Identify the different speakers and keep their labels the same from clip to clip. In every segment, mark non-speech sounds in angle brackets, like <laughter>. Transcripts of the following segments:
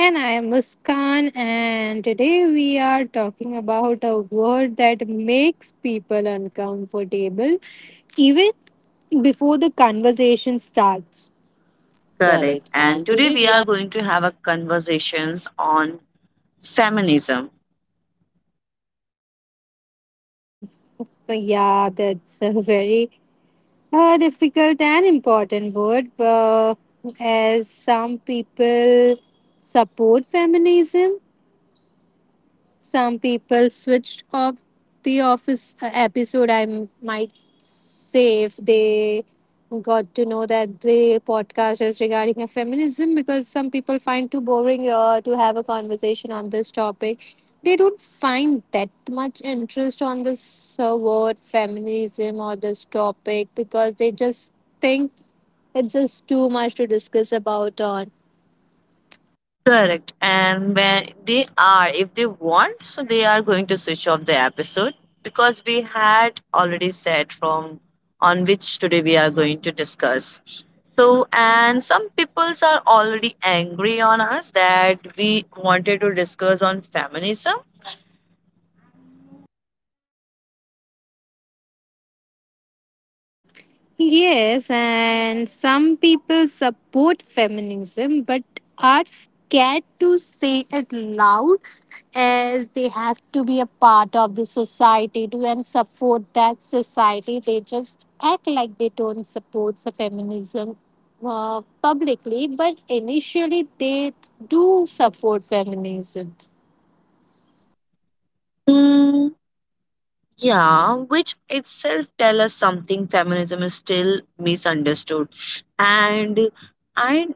Speaker 1: And I am Muskan, and today we are talking about a word that makes people uncomfortable even before the conversation starts.
Speaker 2: Correct.
Speaker 1: Correct.
Speaker 2: And
Speaker 1: And
Speaker 2: today
Speaker 1: today
Speaker 2: we
Speaker 1: we
Speaker 2: are
Speaker 1: are
Speaker 2: going to have a conversations on feminism.
Speaker 1: So, yeah, that's a very difficult and important word, but as some people support feminism, some people switched off the office episode, I might say, if they got to know that the podcast is regarding a feminism, because some people find too boring to have a conversation on this topic. They don't find that much interest on this word feminism or this topic because they just think it's just too much to discuss about on.
Speaker 2: Correct. And when they are, if they want, so they are going to switch off the episode because we had already said from on which today we are going to discuss. So, and some peoples are already angry on us that we wanted to discuss on feminism.
Speaker 1: Yes, and some people support feminism but are scared to say it loud as they have to be a part of the society to and support that society. They just act like they don't support the feminism publicly, but initially they do support feminism.
Speaker 2: Hmm, yeah, which itself tell us something feminism is still misunderstood. And I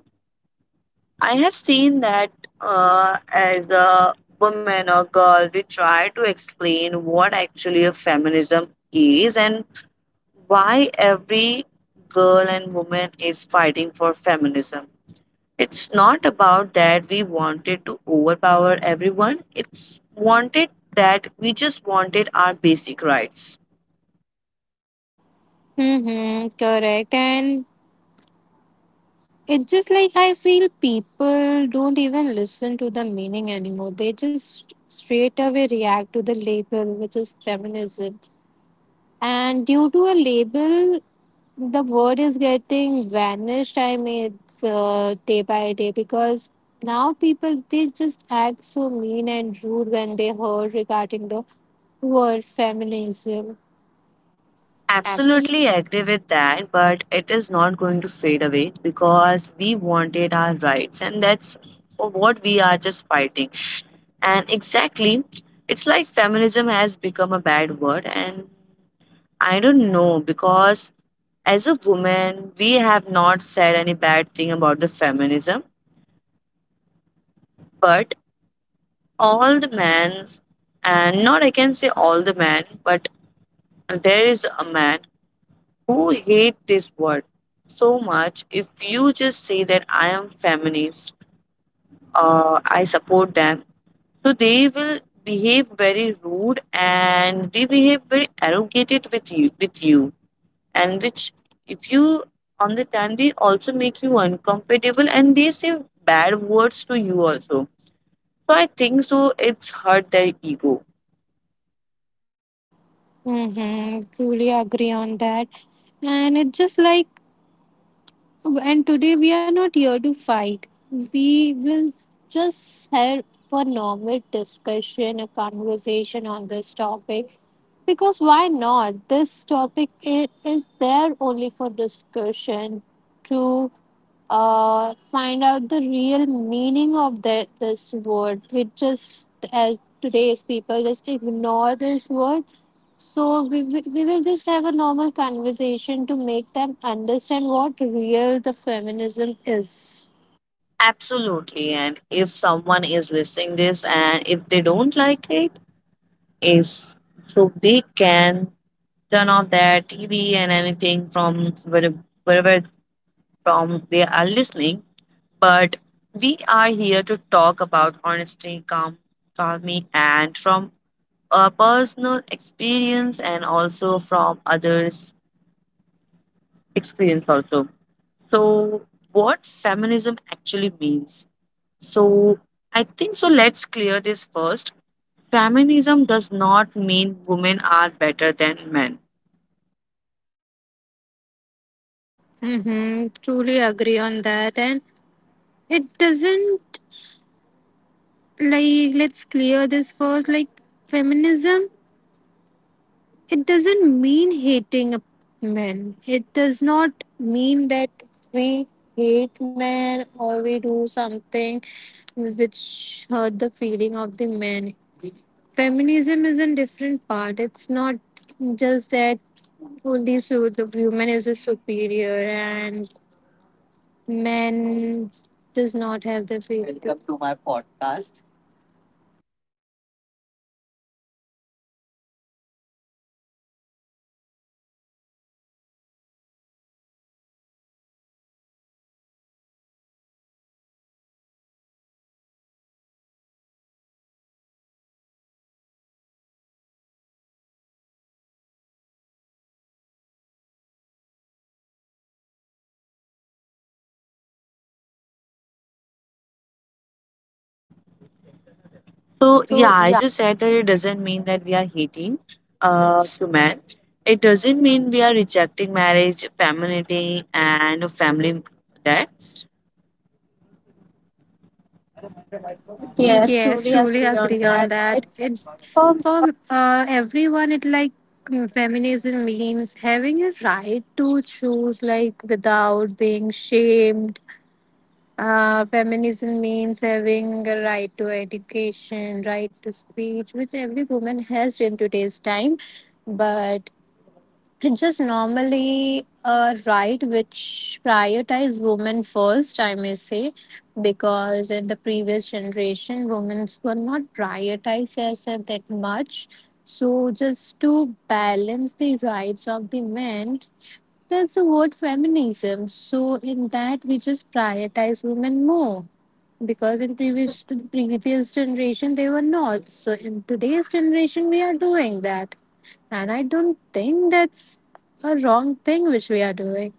Speaker 2: I have seen that as a woman or girl, we try to explain what actually a feminism is and why every girl and woman is fighting for feminism. It's not about that we wanted to overpower everyone. It's wanted that we just wanted our basic rights.
Speaker 1: Mm-hmm, correct. And it's just like I feel people don't even listen to the meaning anymore. They just straight away react to the label, which is feminism. And due to a label, the word is getting vanished. I mean, it's day by day because now people they just act so mean and rude when they heard regarding the word feminism. Absolutely.
Speaker 2: Absolutely agree with that, but it is not going to fade away because we wanted our rights, and that's for what we are just fighting. And exactly, it's like feminism has become a bad word, and I don't know because as a woman, we have not said any bad thing about the feminism, but all the men, and not I can say all the men, but there is a man who hate this word so much if you just say that I am feminist I support them so they will behave very rude and they behave very arrogated with you and which if you on the time they also make you uncomfortable and they say bad words to you also so I think so it's hurt their ego
Speaker 1: Mm-hmm. Truly agree on that. And it's just like, and today we are not here to fight. We will just have a normal discussion, a conversation on this topic. Because why not? This topic is there only for discussion to find out the real meaning of this word. We just, as today's people, just ignore this word, so we will just have a normal conversation to make them understand what real the feminism is.
Speaker 2: absolutely and if someone is listening this and if they don't like it is so they can turn off their TV and anything from where- wherever from they are listening. But we are here to talk about honesty, calm, calming, and from a personal experience and also from others' experience also. So, what feminism actually means? So, I think so. Let's clear this first. Feminism does not mean women are better than men.
Speaker 1: Mm-hmm. Truly agree on that. And it doesn't, like, let's clear this first. Like, feminism, it doesn't mean hating a man. It does not mean that we hate men or we do something which hurt the feeling of the man. Feminism is a different part. It's not just that only so the woman is a superior and men does not have the freedom. Welcome to my podcast.
Speaker 2: So yeah, I just said that it doesn't mean that we are hating to men. It doesn't mean we are rejecting marriage, femininity, and family. That yes,
Speaker 1: Yes,
Speaker 2: truly
Speaker 1: truly
Speaker 2: agree
Speaker 1: agree
Speaker 2: on
Speaker 1: on
Speaker 2: that.
Speaker 1: that.
Speaker 2: It
Speaker 1: It
Speaker 2: um,
Speaker 1: for everyone, it like feminism means having a right to choose, like without being shamed. Feminism means having a right to education, right to speech, which every woman has in today's time. But just normally a right which prioritize women first, I may say, because in the previous generation, women were not prioritized as that much. So just to balance the rights of the men, there's the word feminism. So in that, we just prioritize women more because in previous generation they were not. So in today's generation, we are doing that, and I don't think that's a wrong thing which we are doing.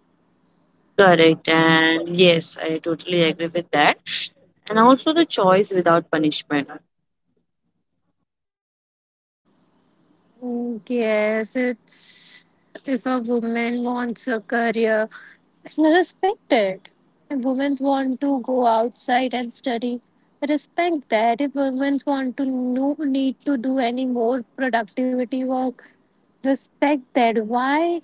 Speaker 2: correct, and yes, I totally agree with that. And also the choice without punishment.
Speaker 1: Mm, yes, it's, if a woman wants a career, respect it. If women want to go outside and study, respect that. If women want to no need to do any more productivity work, respect that. Why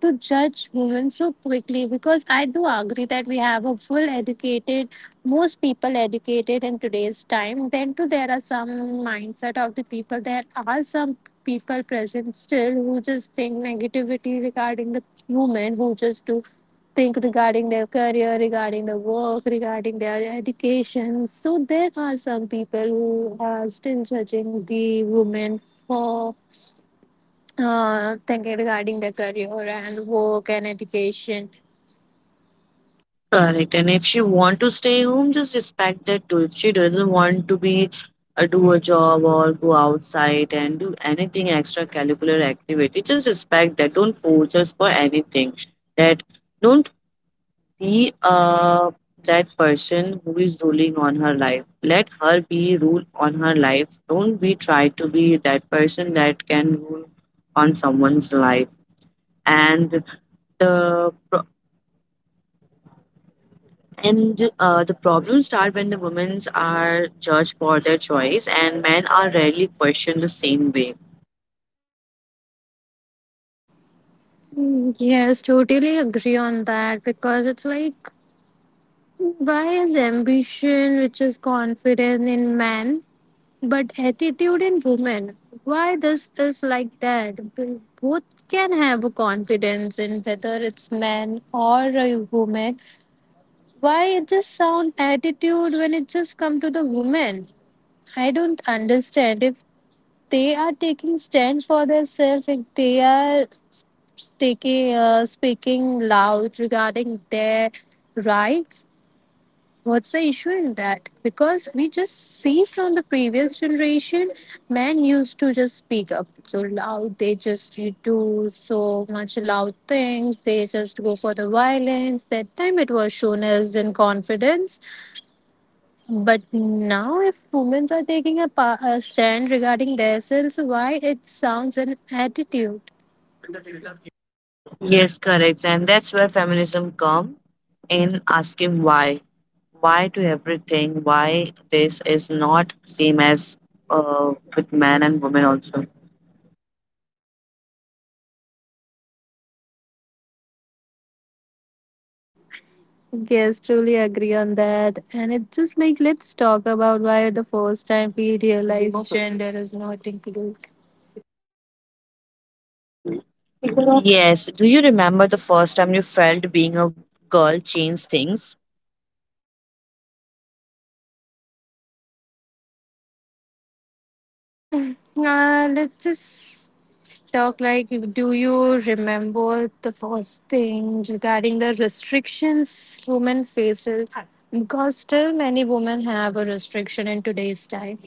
Speaker 1: to judge women so quickly because I do agree that we have a full educated, most people educated in today's time. Then too, there are some mindset of the people. There are some people present still who just think negativity regarding the women, who just do think regarding their career, regarding the work, regarding their education. So there are some people who are still judging the women for thinking regarding their career and work and education.
Speaker 2: Correct. And if she want to stay home, just respect that too. If she doesn't want to be do a job or go outside and do anything extracurricular activity, just respect that. Don't force us for anything. That don't be that person who is ruling on her life. Let her be rule on her life. Don't be try to be that person that can rule on someone's life. And the and the problems start when the women are judged for their choice and men are rarely questioned the same way.
Speaker 1: Mm, yes, totally agree on that because it's like, why is ambition, which is confidence in men, but attitude in women? Why this is like that? Both can have a confidence in whether it's men or a woman. Why it just sound attitude when it just come to the woman? I don't understand. If they are taking stand for themselves, if they are taking speaking loud regarding their rights, what's the issue in that because we just see from the previous generation men used to just speak up so loud, they just do so much loud things, they just go for the violence, that time it was shown as in confidence, but now, if women are taking a, a stand regarding themselves, why it sounds an attitude.
Speaker 2: Yes, correct. And that's where feminism come in asking why. Why to everything? Why this is not same as with men and women also.
Speaker 1: Yes, truly agree on that. And it's just like, let's talk about why the first time we realize gender is not included.
Speaker 2: Yes. Do you remember the first time you felt being a girl changed things?
Speaker 1: Hmm, let's just talk, like, do you remember the first thing regarding the restrictions women face? Because still many women have a restriction in today's time.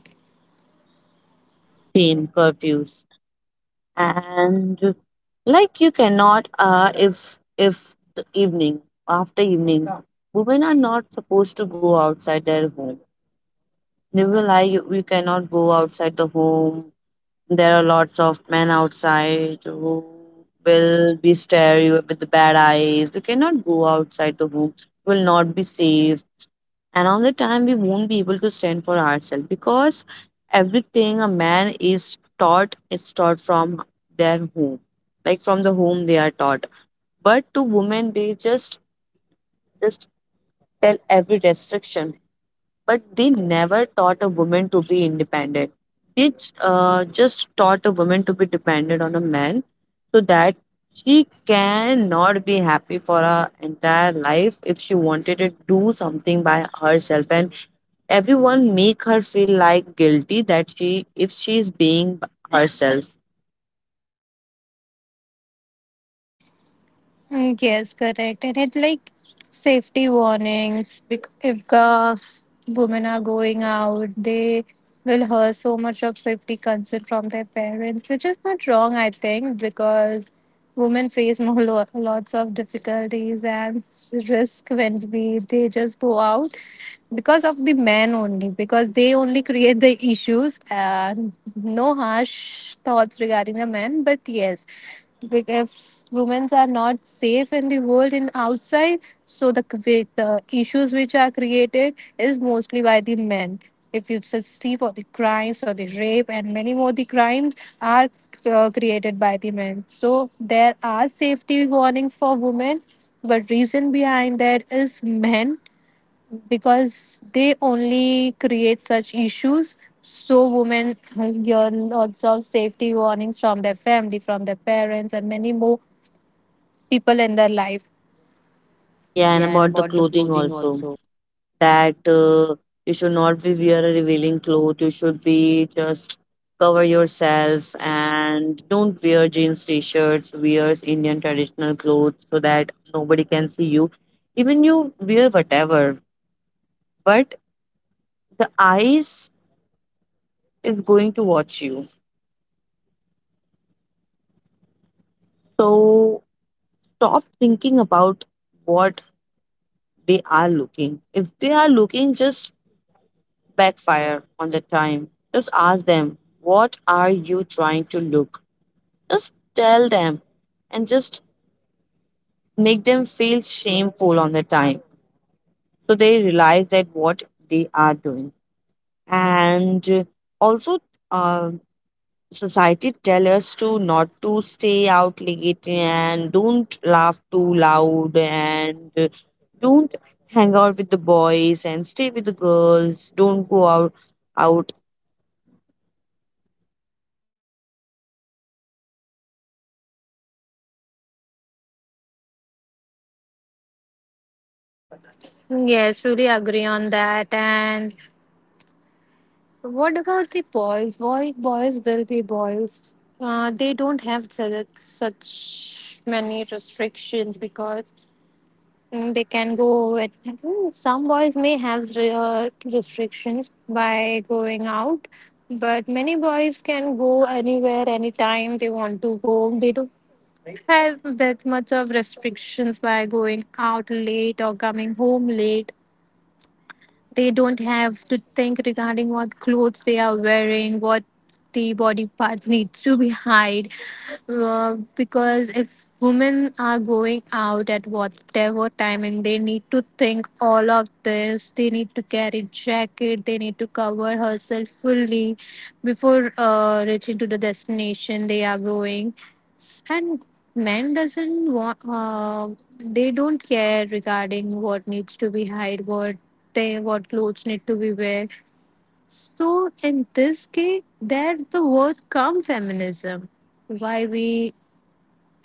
Speaker 2: Same curfews. And like you cannot if the evening after evening women are not supposed to go outside their home, they will lie you, you cannot go outside the home, there are lots of men outside who will be stare you with the bad eyes, you cannot go outside the home. You will not be safe, and on the time we won't be able to stand for ourselves because everything a man is taught from their home, like from the home they are taught, but to women they just tell every restriction, but they never taught a woman to be independent. They just taught a woman to be dependent on a man, so that she cannot be happy for her entire life if she wanted to do something by herself, and everyone make her feel like guilty that she if she is being herself.
Speaker 1: Mm, yes, correct. And it like safety warnings. If girls, women are going out, they will hear so much of safety concern from their parents, which is not wrong, I think, because women face <laughs> more lots of difficulties and risk when we they just go out because of the men only, because they only create the issues. And no harsh thoughts regarding the men, but yes, if women are not safe in the world and outside, so the with the issues which are created is mostly by the men, if you just see for the crimes or the rape and many more, the crimes are created by the men, so there are safety warnings for women but reason behind that is men because they only create such issues, so women hear lots of safety warnings from their family, from their parents and many more people in their life.
Speaker 2: Yeah, and
Speaker 1: Yeah, and
Speaker 2: about the
Speaker 1: about the
Speaker 2: clothing
Speaker 1: clothing
Speaker 2: also.
Speaker 1: also.
Speaker 2: That you should not be wear a revealing cloth, you should be just cover yourself and don't wear jeans t-shirts, wear indian traditional clothes so that nobody can see you. Even you wear whatever, but the eyes is going to watch you, so stop thinking about what they are looking. If they are looking, just backfire on the time. Just ask them, what are you trying to look? Just tell them and just make them feel shameful on the time. So they realize that what they are doing. And also, uh, society tell us to not to stay out late and don't laugh too loud and don't hang out with the boys and stay with the girls, don't go out.
Speaker 1: Yes, truly agree on that. And what about the boys? Why boys will be boys? They don't have such many restrictions because they can go at some boys may have restrictions by going out, but many boys can go anywhere anytime they want to go, they don't have that much of restrictions by going out late or coming home late. They don't have to think regarding what clothes they are wearing, what the body part needs to be hide, because if women are going out at whatever time and they need to think all of this, they need to carry jacket, they need to cover herself fully before reaching to the destination they are going. And men doesn't want they don't care regarding what needs to be hide, what they, what clothes need to be wear, so in this case that the word come feminism. Why we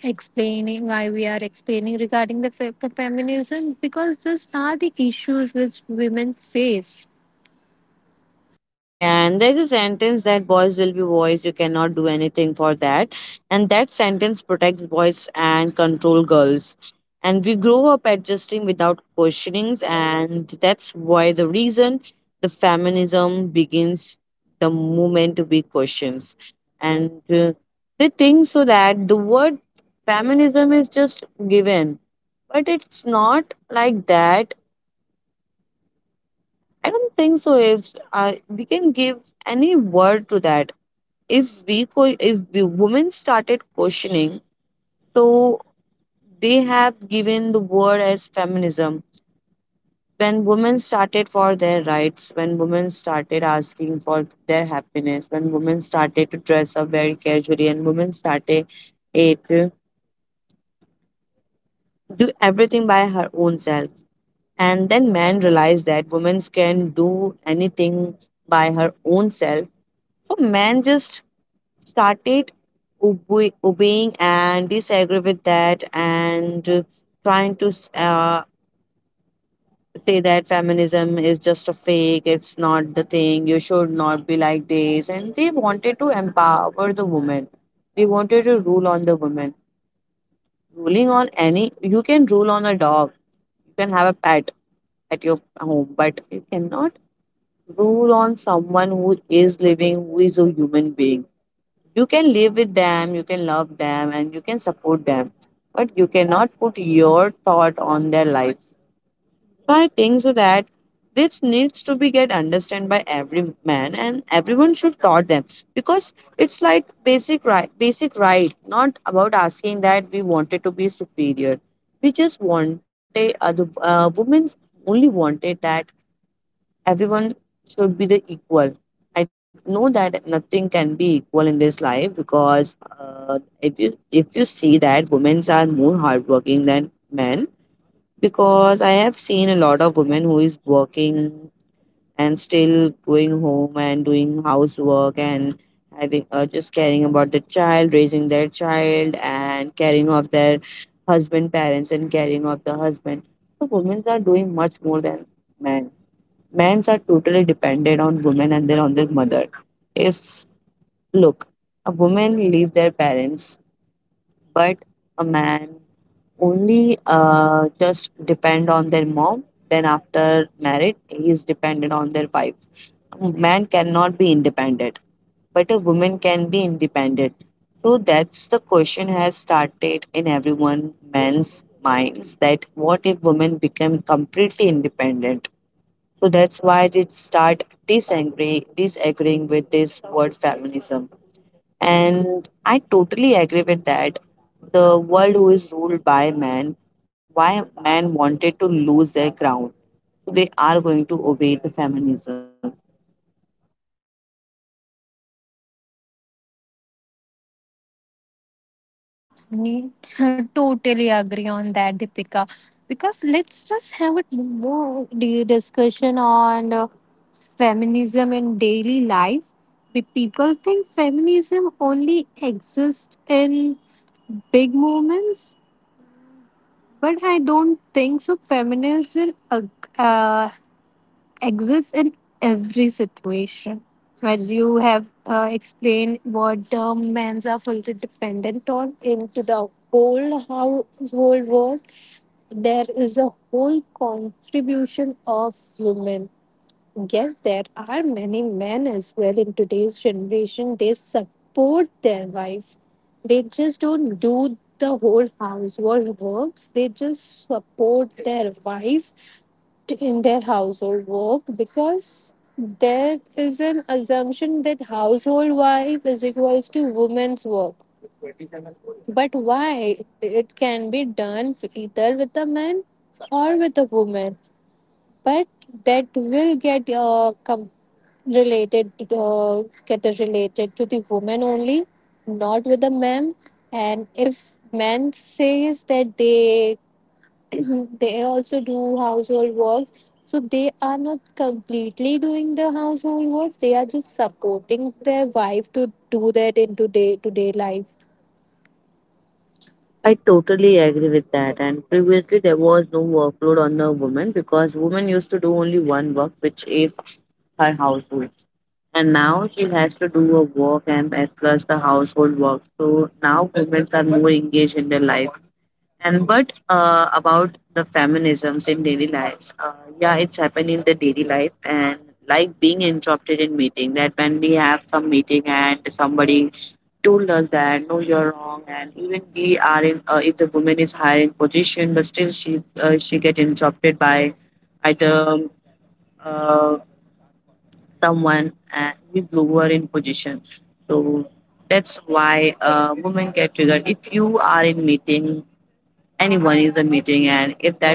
Speaker 1: explaining, why we are explaining regarding the feminism, because these are the issues which women face.
Speaker 2: Yeah, and there's a sentence that boys will be boys, you cannot do anything for that. And that sentence protects boys and control girls. And we grow up adjusting without questionings, and that's why the reason the feminism begins the moment we questions. And they think so that the word feminism is just given, but it's not like that. I don't think so. If we can give any word to that if if the women started questioning, so they have given the word as feminism when women started for their rights, when women started asking for their happiness, when women started to dress up very casually and women started to do everything by her own self, and then men realized that women can do anything by her own self, so men just started obeying and disagree with that and trying to say that feminism is just a fake, it's not the thing, you should not be like this, and they wanted to empower the woman, they wanted to rule on the woman. Ruling on any, you can rule on a dog, you can have a pet at your home, but you cannot rule on someone who is living, who is a human being. You can live with them, you can love them, and you can support them, but you cannot put your thought on their life. So I think so that this needs to be get understood by every man and everyone should taught them, because it's like basic right not about asking that we wanted to be superior, we just wanted the women only wanted that everyone should be the equal. I know that nothing can be equal in this life because if you see that women are more hardworking than men, because I have seen a lot of women who is working and still going home and doing housework and having just caring about the child, raising their child and caring of their husband parents and caring of the husband. So women are doing much more than men. Men are totally dependent on women and then on their mother. If look, a woman leave their parents, but a man only just depend on their mom. Then after marriage, he is dependent on their wife. A man cannot be independent, but a woman can be independent. So that's the question has started in everyone men's minds that what if women become completely independent? So that's why they start disagreeing with this word feminism. And I totally agree with that. The world who is ruled by man, why man wanted to lose their ground. So they are going to obey the feminism.
Speaker 1: We <laughs> totally agree on that, Deepika. Because let's just have a more discussion on feminism in daily life. We People think feminism only exists in big moments, but I don't think so. Feminism uh, exists in every situation. As you have explained, what term men are fully dependent on into the whole household work, there is a whole contribution of women. Yes, there are many men as well in today's generation. They support their wife. They just don't do the whole household works. They just support their wife in their household work because there is an assumption that household wife is equals to woman's work, but why it can be done either with a man or with a woman, but that will get related, get related to the woman only, not with the man. And if man says that they <coughs> <clears throat> they also do household works, so they are not completely doing the household works, they are just supporting their wife to do that in today to day life.
Speaker 2: I
Speaker 1: I-
Speaker 2: totally agree with that. And previously there was no workload on the woman because woman used to do only one work, which is her household. And now she has to do a work and as plus the household work. So now women are more engaged in their life. And but about the feminisms in daily lives, yeah, it's happened in the daily life and like being interrupted in meeting. That when we have some meeting and somebody told us that no, you're wrong, and even we are in if the woman is higher in position, but still she get interrupted by either uh, someone who is lower in position. So that's why women get triggered. If you are in meeting, anyone is a meeting, and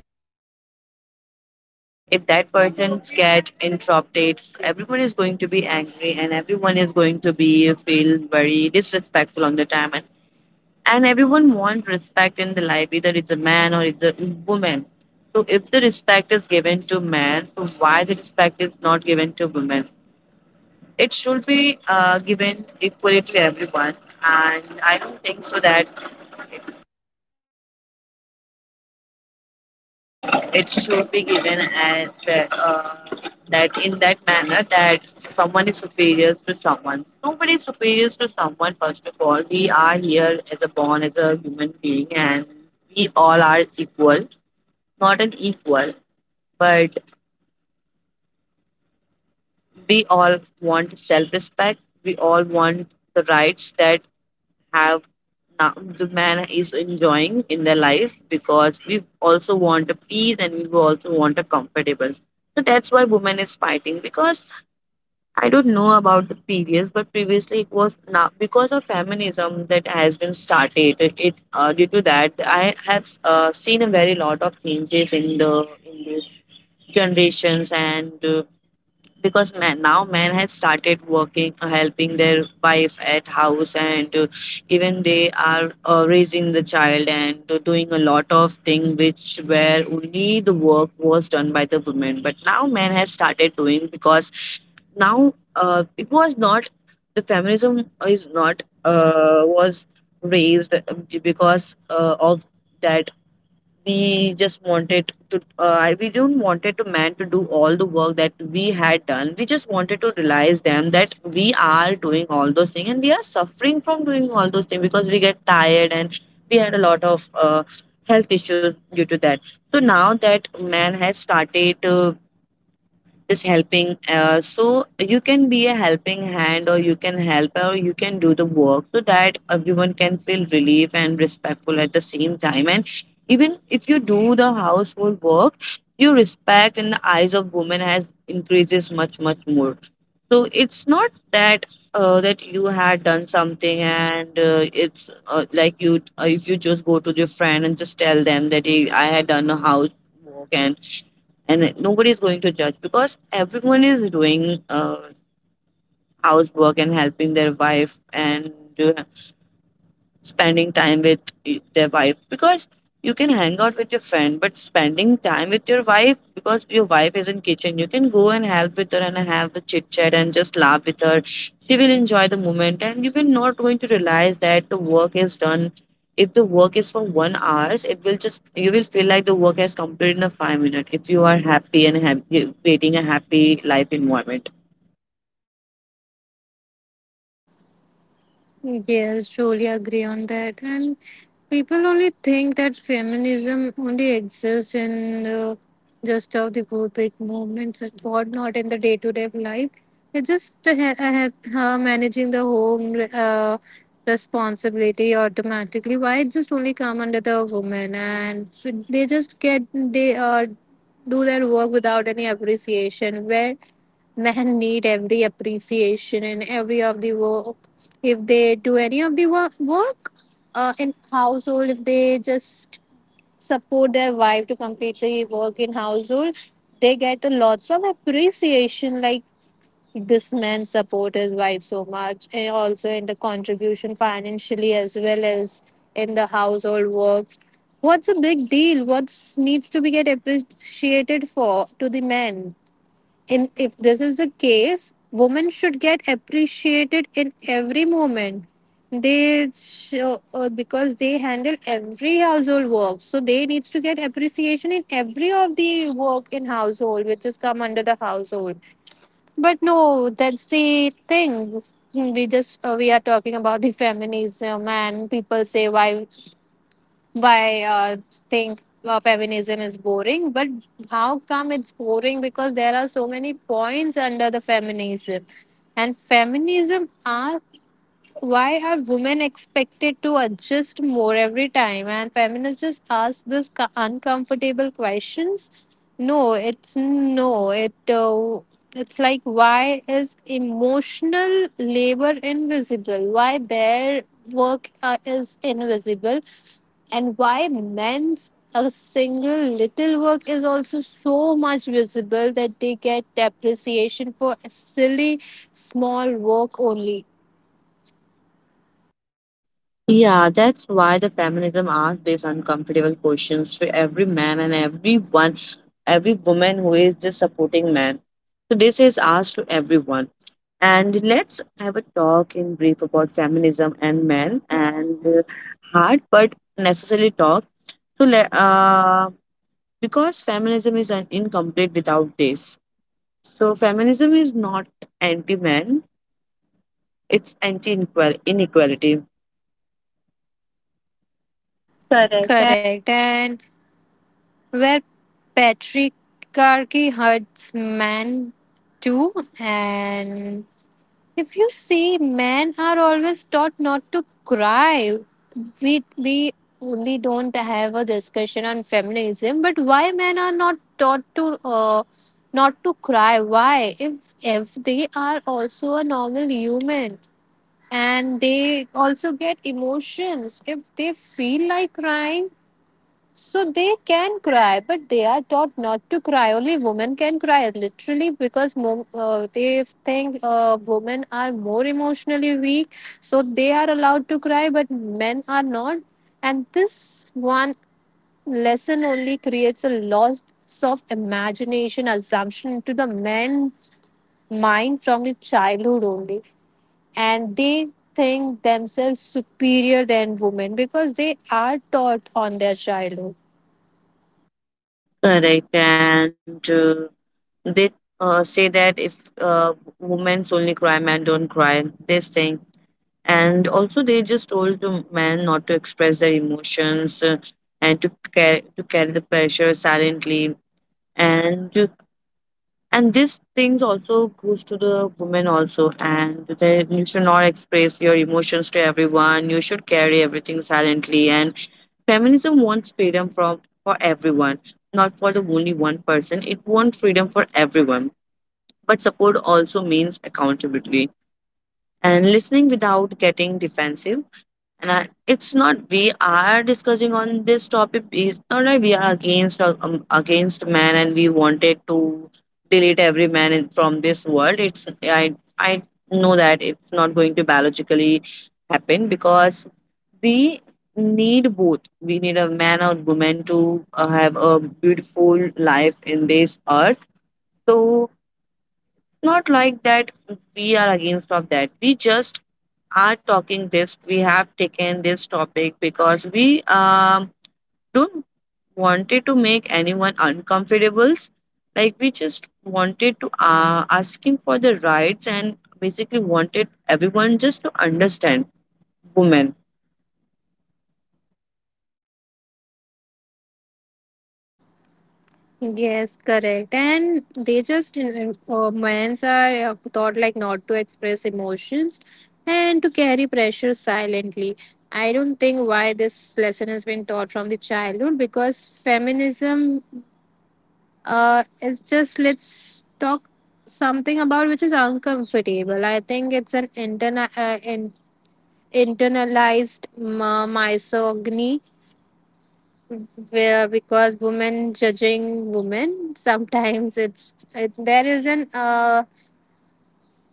Speaker 2: if that person get interrupted, everyone is going to be angry, and everyone is going to be feel very disrespectful on the time, and everyone wants respect in the life, either it's a man or it's a woman. So if the respect is given to man, so why the respect is not given to women? It should be given equally to everyone, and I don't think so that it should be given as that in that manner that someone is superior to someone. Nobody is superior to someone. First of all, we are here as a born as a human being, and we all are equal. Not an equal, but we all want self-respect. We all want the rights that have na- the man is enjoying in their life, because we also want a peace and we also want a comfortable. So that's why women is fighting, because I don't know about the previous, but previously it was. Now because of feminism that has been started, due to that I have seen a very lot of changes in the generations. And Because man, now man has started working, helping their wife at house, and even they are raising the child, and doing a lot of thing which where only the work was done by the women, but now man has started doing. Because now, it was not, the feminism is not, was raised because of that. We just wanted to we don't wanted to man to do all the work that we had done. We just wanted to realize them that we are doing all those things and we are suffering from doing all those things, because we get tired and we had a lot of health issues due to that. So now that man has started just helping, so you can be a helping hand, or you can help, or you can do the work, so that everyone can feel relief and respectful at the same time. And even if you do the household work, your respect in the eyes of women has increases much much more. So it's not that, that you had done something, and it's, like you, if you just go to your friend and just tell them that hey, I had done a house work. And nobody is going to judge, because everyone is doing housework and helping their wife and spending time with their wife. Because you can hang out with your friend, but spending time with your wife, because your wife is in kitchen, you can go and help with her and have the chit chat and just laugh with her. She will enjoy the moment and you will not going to realize that the work is done. If the work is for 1 hours, it will just, you will feel like the work has completed in a 5 minute, if you are happy and have creating a happy life environment.
Speaker 1: yes, truly agree on that. And people only think that feminism only exists in the just of the public moments, but not in the day-to-day life. It's just a, managing the home responsibility automatically. Why it just only come under the woman, and they just get they do their work without any appreciation. Where men need every appreciation in every of the work. If they do any of the work, in household, if they just support their wife to complete the work in household, they get a lots of appreciation like this man support his wife so much and also in the contribution financially as well as in the household work. What's a big deal? What needs to be get appreciated for to the men? And if this is the case, women should get appreciated in every moment. They show, because they handle every household work, so they needs to get appreciation in every of the work in household, which is come under the household. But no, that's the thing. We are talking about the feminism, and people say why, why uh, think feminism is boring, but how come it's boring because there are so many points under the feminism, and feminism are why are women expected to adjust more every time? And feminists just ask this uncomfortable questions. No, it's no. It's like why is emotional labor invisible? Why their work is invisible? And why men's a single little work is also so much visible that they get appreciation for a silly small work only.
Speaker 2: Yeah, that's why the feminism asks these uncomfortable questions to every man and everyone, every woman who is just supporting men. So this is asked to everyone. And let's have a talk in brief about feminism and men and hard but necessary talk. So let because feminism is an incomplete without this. So feminism is not anti-men; it's anti-inequality. Correct.
Speaker 1: Correct. And where patriarchy hurts men too. And if you see, men are always taught not to cry. We only don't have a discussion on feminism, but why men are not taught to not to cry? Why? If they are also a normal human and they also get emotions, if they feel like crying, so they can cry, but they are taught not to cry. Only women can cry, literally, because they think women are more emotionally weak. So they are allowed to cry, but men are not. And this one lesson only creates a loss of imagination, assumption to the men's mind from the childhood only. And they think themselves superior than women because they are taught on their childhood.
Speaker 2: Correct. And They say that if, women only cry, men don't cry, this thing. And also, they just told to men not to express their emotions, and to carry the pressure silently. And to, and these things also goes to the women also. And that you should not express your emotions to everyone. You should carry everything silently. And feminism wants freedom from for everyone, not for the only one person. It wants freedom for everyone. But support also means accountability and listening without getting defensive. And it's not, we are discussing on this topic, it's not like we are against against man and we wanted to delete every man in, from this world. It's, I know that it's not going to biologically happen, because we need both, we need a man or woman to have a beautiful life in this earth. So, not like that we are against of that. We just are talking this, we have taken this topic because we um don't wanted to make anyone uncomfortable. Like, we just wanted to ask him for the rights, and basically wanted everyone just to understand women.
Speaker 1: Yes, correct. And they just, men's are taught like not to express emotions and to carry pressure silently. I don't think why this lesson has been taught from the childhood because feminism is just, let's talk something about which is uncomfortable. I think it's an internalized misogyny where because women judging women sometimes it's it, there is an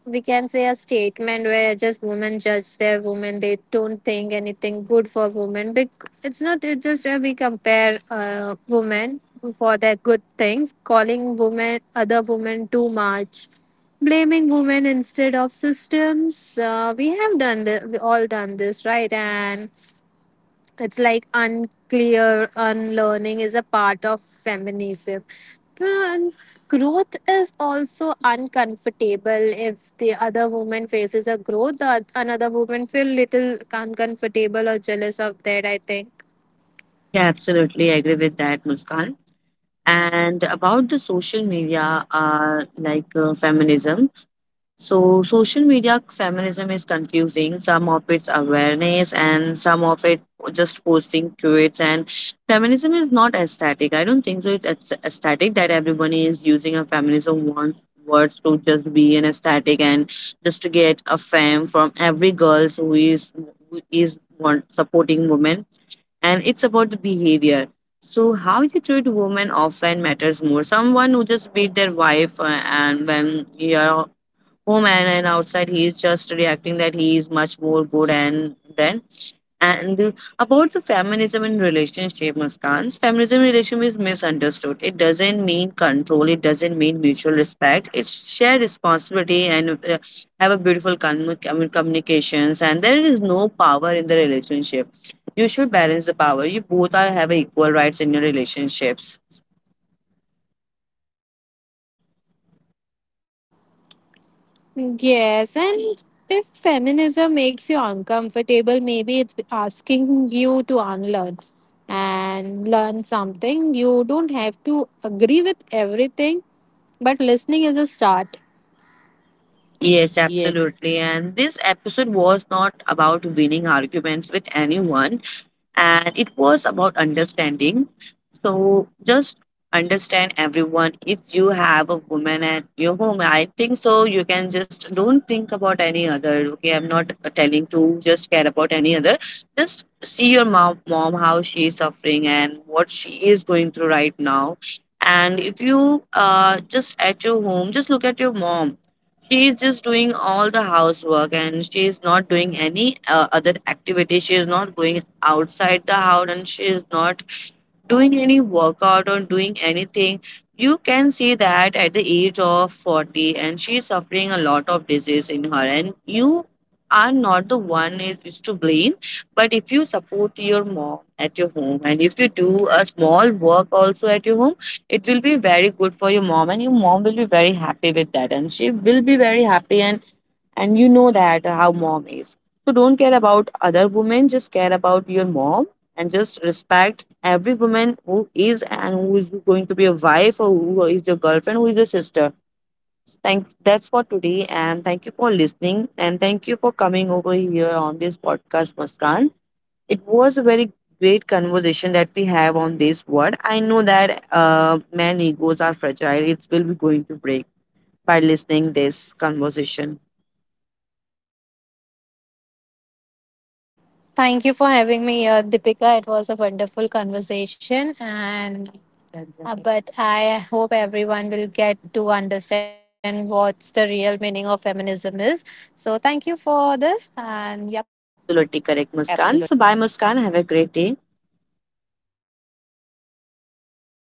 Speaker 1: we can say a statement where just women judge their women, they don't think anything good for women. It's not, it's just we compare women for their good things, calling women other women too much, blaming women instead of systems, we have done this, we all done this, right? And it's like unclear unlearning is a part of feminism. And growth is also uncomfortable. If the other woman faces a growth, the another woman feel little uncomfortable or jealous of that, I think.
Speaker 2: Yeah,
Speaker 1: Yes.
Speaker 2: absolutely, I agree with that, Muskan. And about the social media, feminism. So, social media feminism is confusing. Some of it's awareness, and some of it just posting tweets. And feminism is not aesthetic, I don't think so. Aesthetic that everyone is using, a feminism wants words to just be an aesthetic, and just to get a fam from every girl who is supporting women. And it's about the behavior. So how you treat women offline matters more. Someone who just beat their wife, and when you are home, and outside he is just reacting that he is much more good. And then, and about the feminism in relationship, Muskans, feminism in relationship is misunderstood. It doesn't mean control. It doesn't mean mutual respect. It's shared responsibility and, have a beautiful communications. And there is no power in the relationship. You should balance the power. You both are have equal rights in your relationships.
Speaker 1: Yes, and if feminism makes you uncomfortable, maybe it's asking you to unlearn and learn something. You don't have to agree with everything, but listening is a start.
Speaker 2: Yes,
Speaker 1: Yes.
Speaker 2: absolutely. And this episode was not about winning arguments with anyone, and it was about understanding. So just understand everyone. If you have a woman at your home, I think so, you can just don't think about any other. Okay, I'm not telling to just care about any other. Just see your mom how she is suffering and what she is going through right now. And if you, just at your home, just look at your mom. She is just doing all the housework, and she is not doing any other activity. She is not going outside the house, and she is not doing any workout or doing anything. You can see that at the age of 40, and she's suffering a lot of disease in her. And you are not is to blame. But if you support your mom at your home, and if you do a small work also at your home, it will be very good for your mom, and your mom will be very happy with that. And she will be very happy. And you know that how mom is. So don't care about other women, just care about your mom. And just respect every woman who is, and who is going to be a wife, or who is your girlfriend, who is your sister. Thank, that's for today, and thank you for listening, and thank you for coming over here on this podcast, Muskan. It was a very great conversation that we have on this word. I know that, man egos are fragile, it will be going to break by listening this conversation.
Speaker 1: Thank you for having me here, Deepika. It was a wonderful conversation, and but I hope everyone will get to understand what's the real meaning of feminism is. So thank you for this, and yep.
Speaker 2: Absolutely correct,
Speaker 1: Absolutely.
Speaker 2: Muskan. So bye, Muskan, have a great day.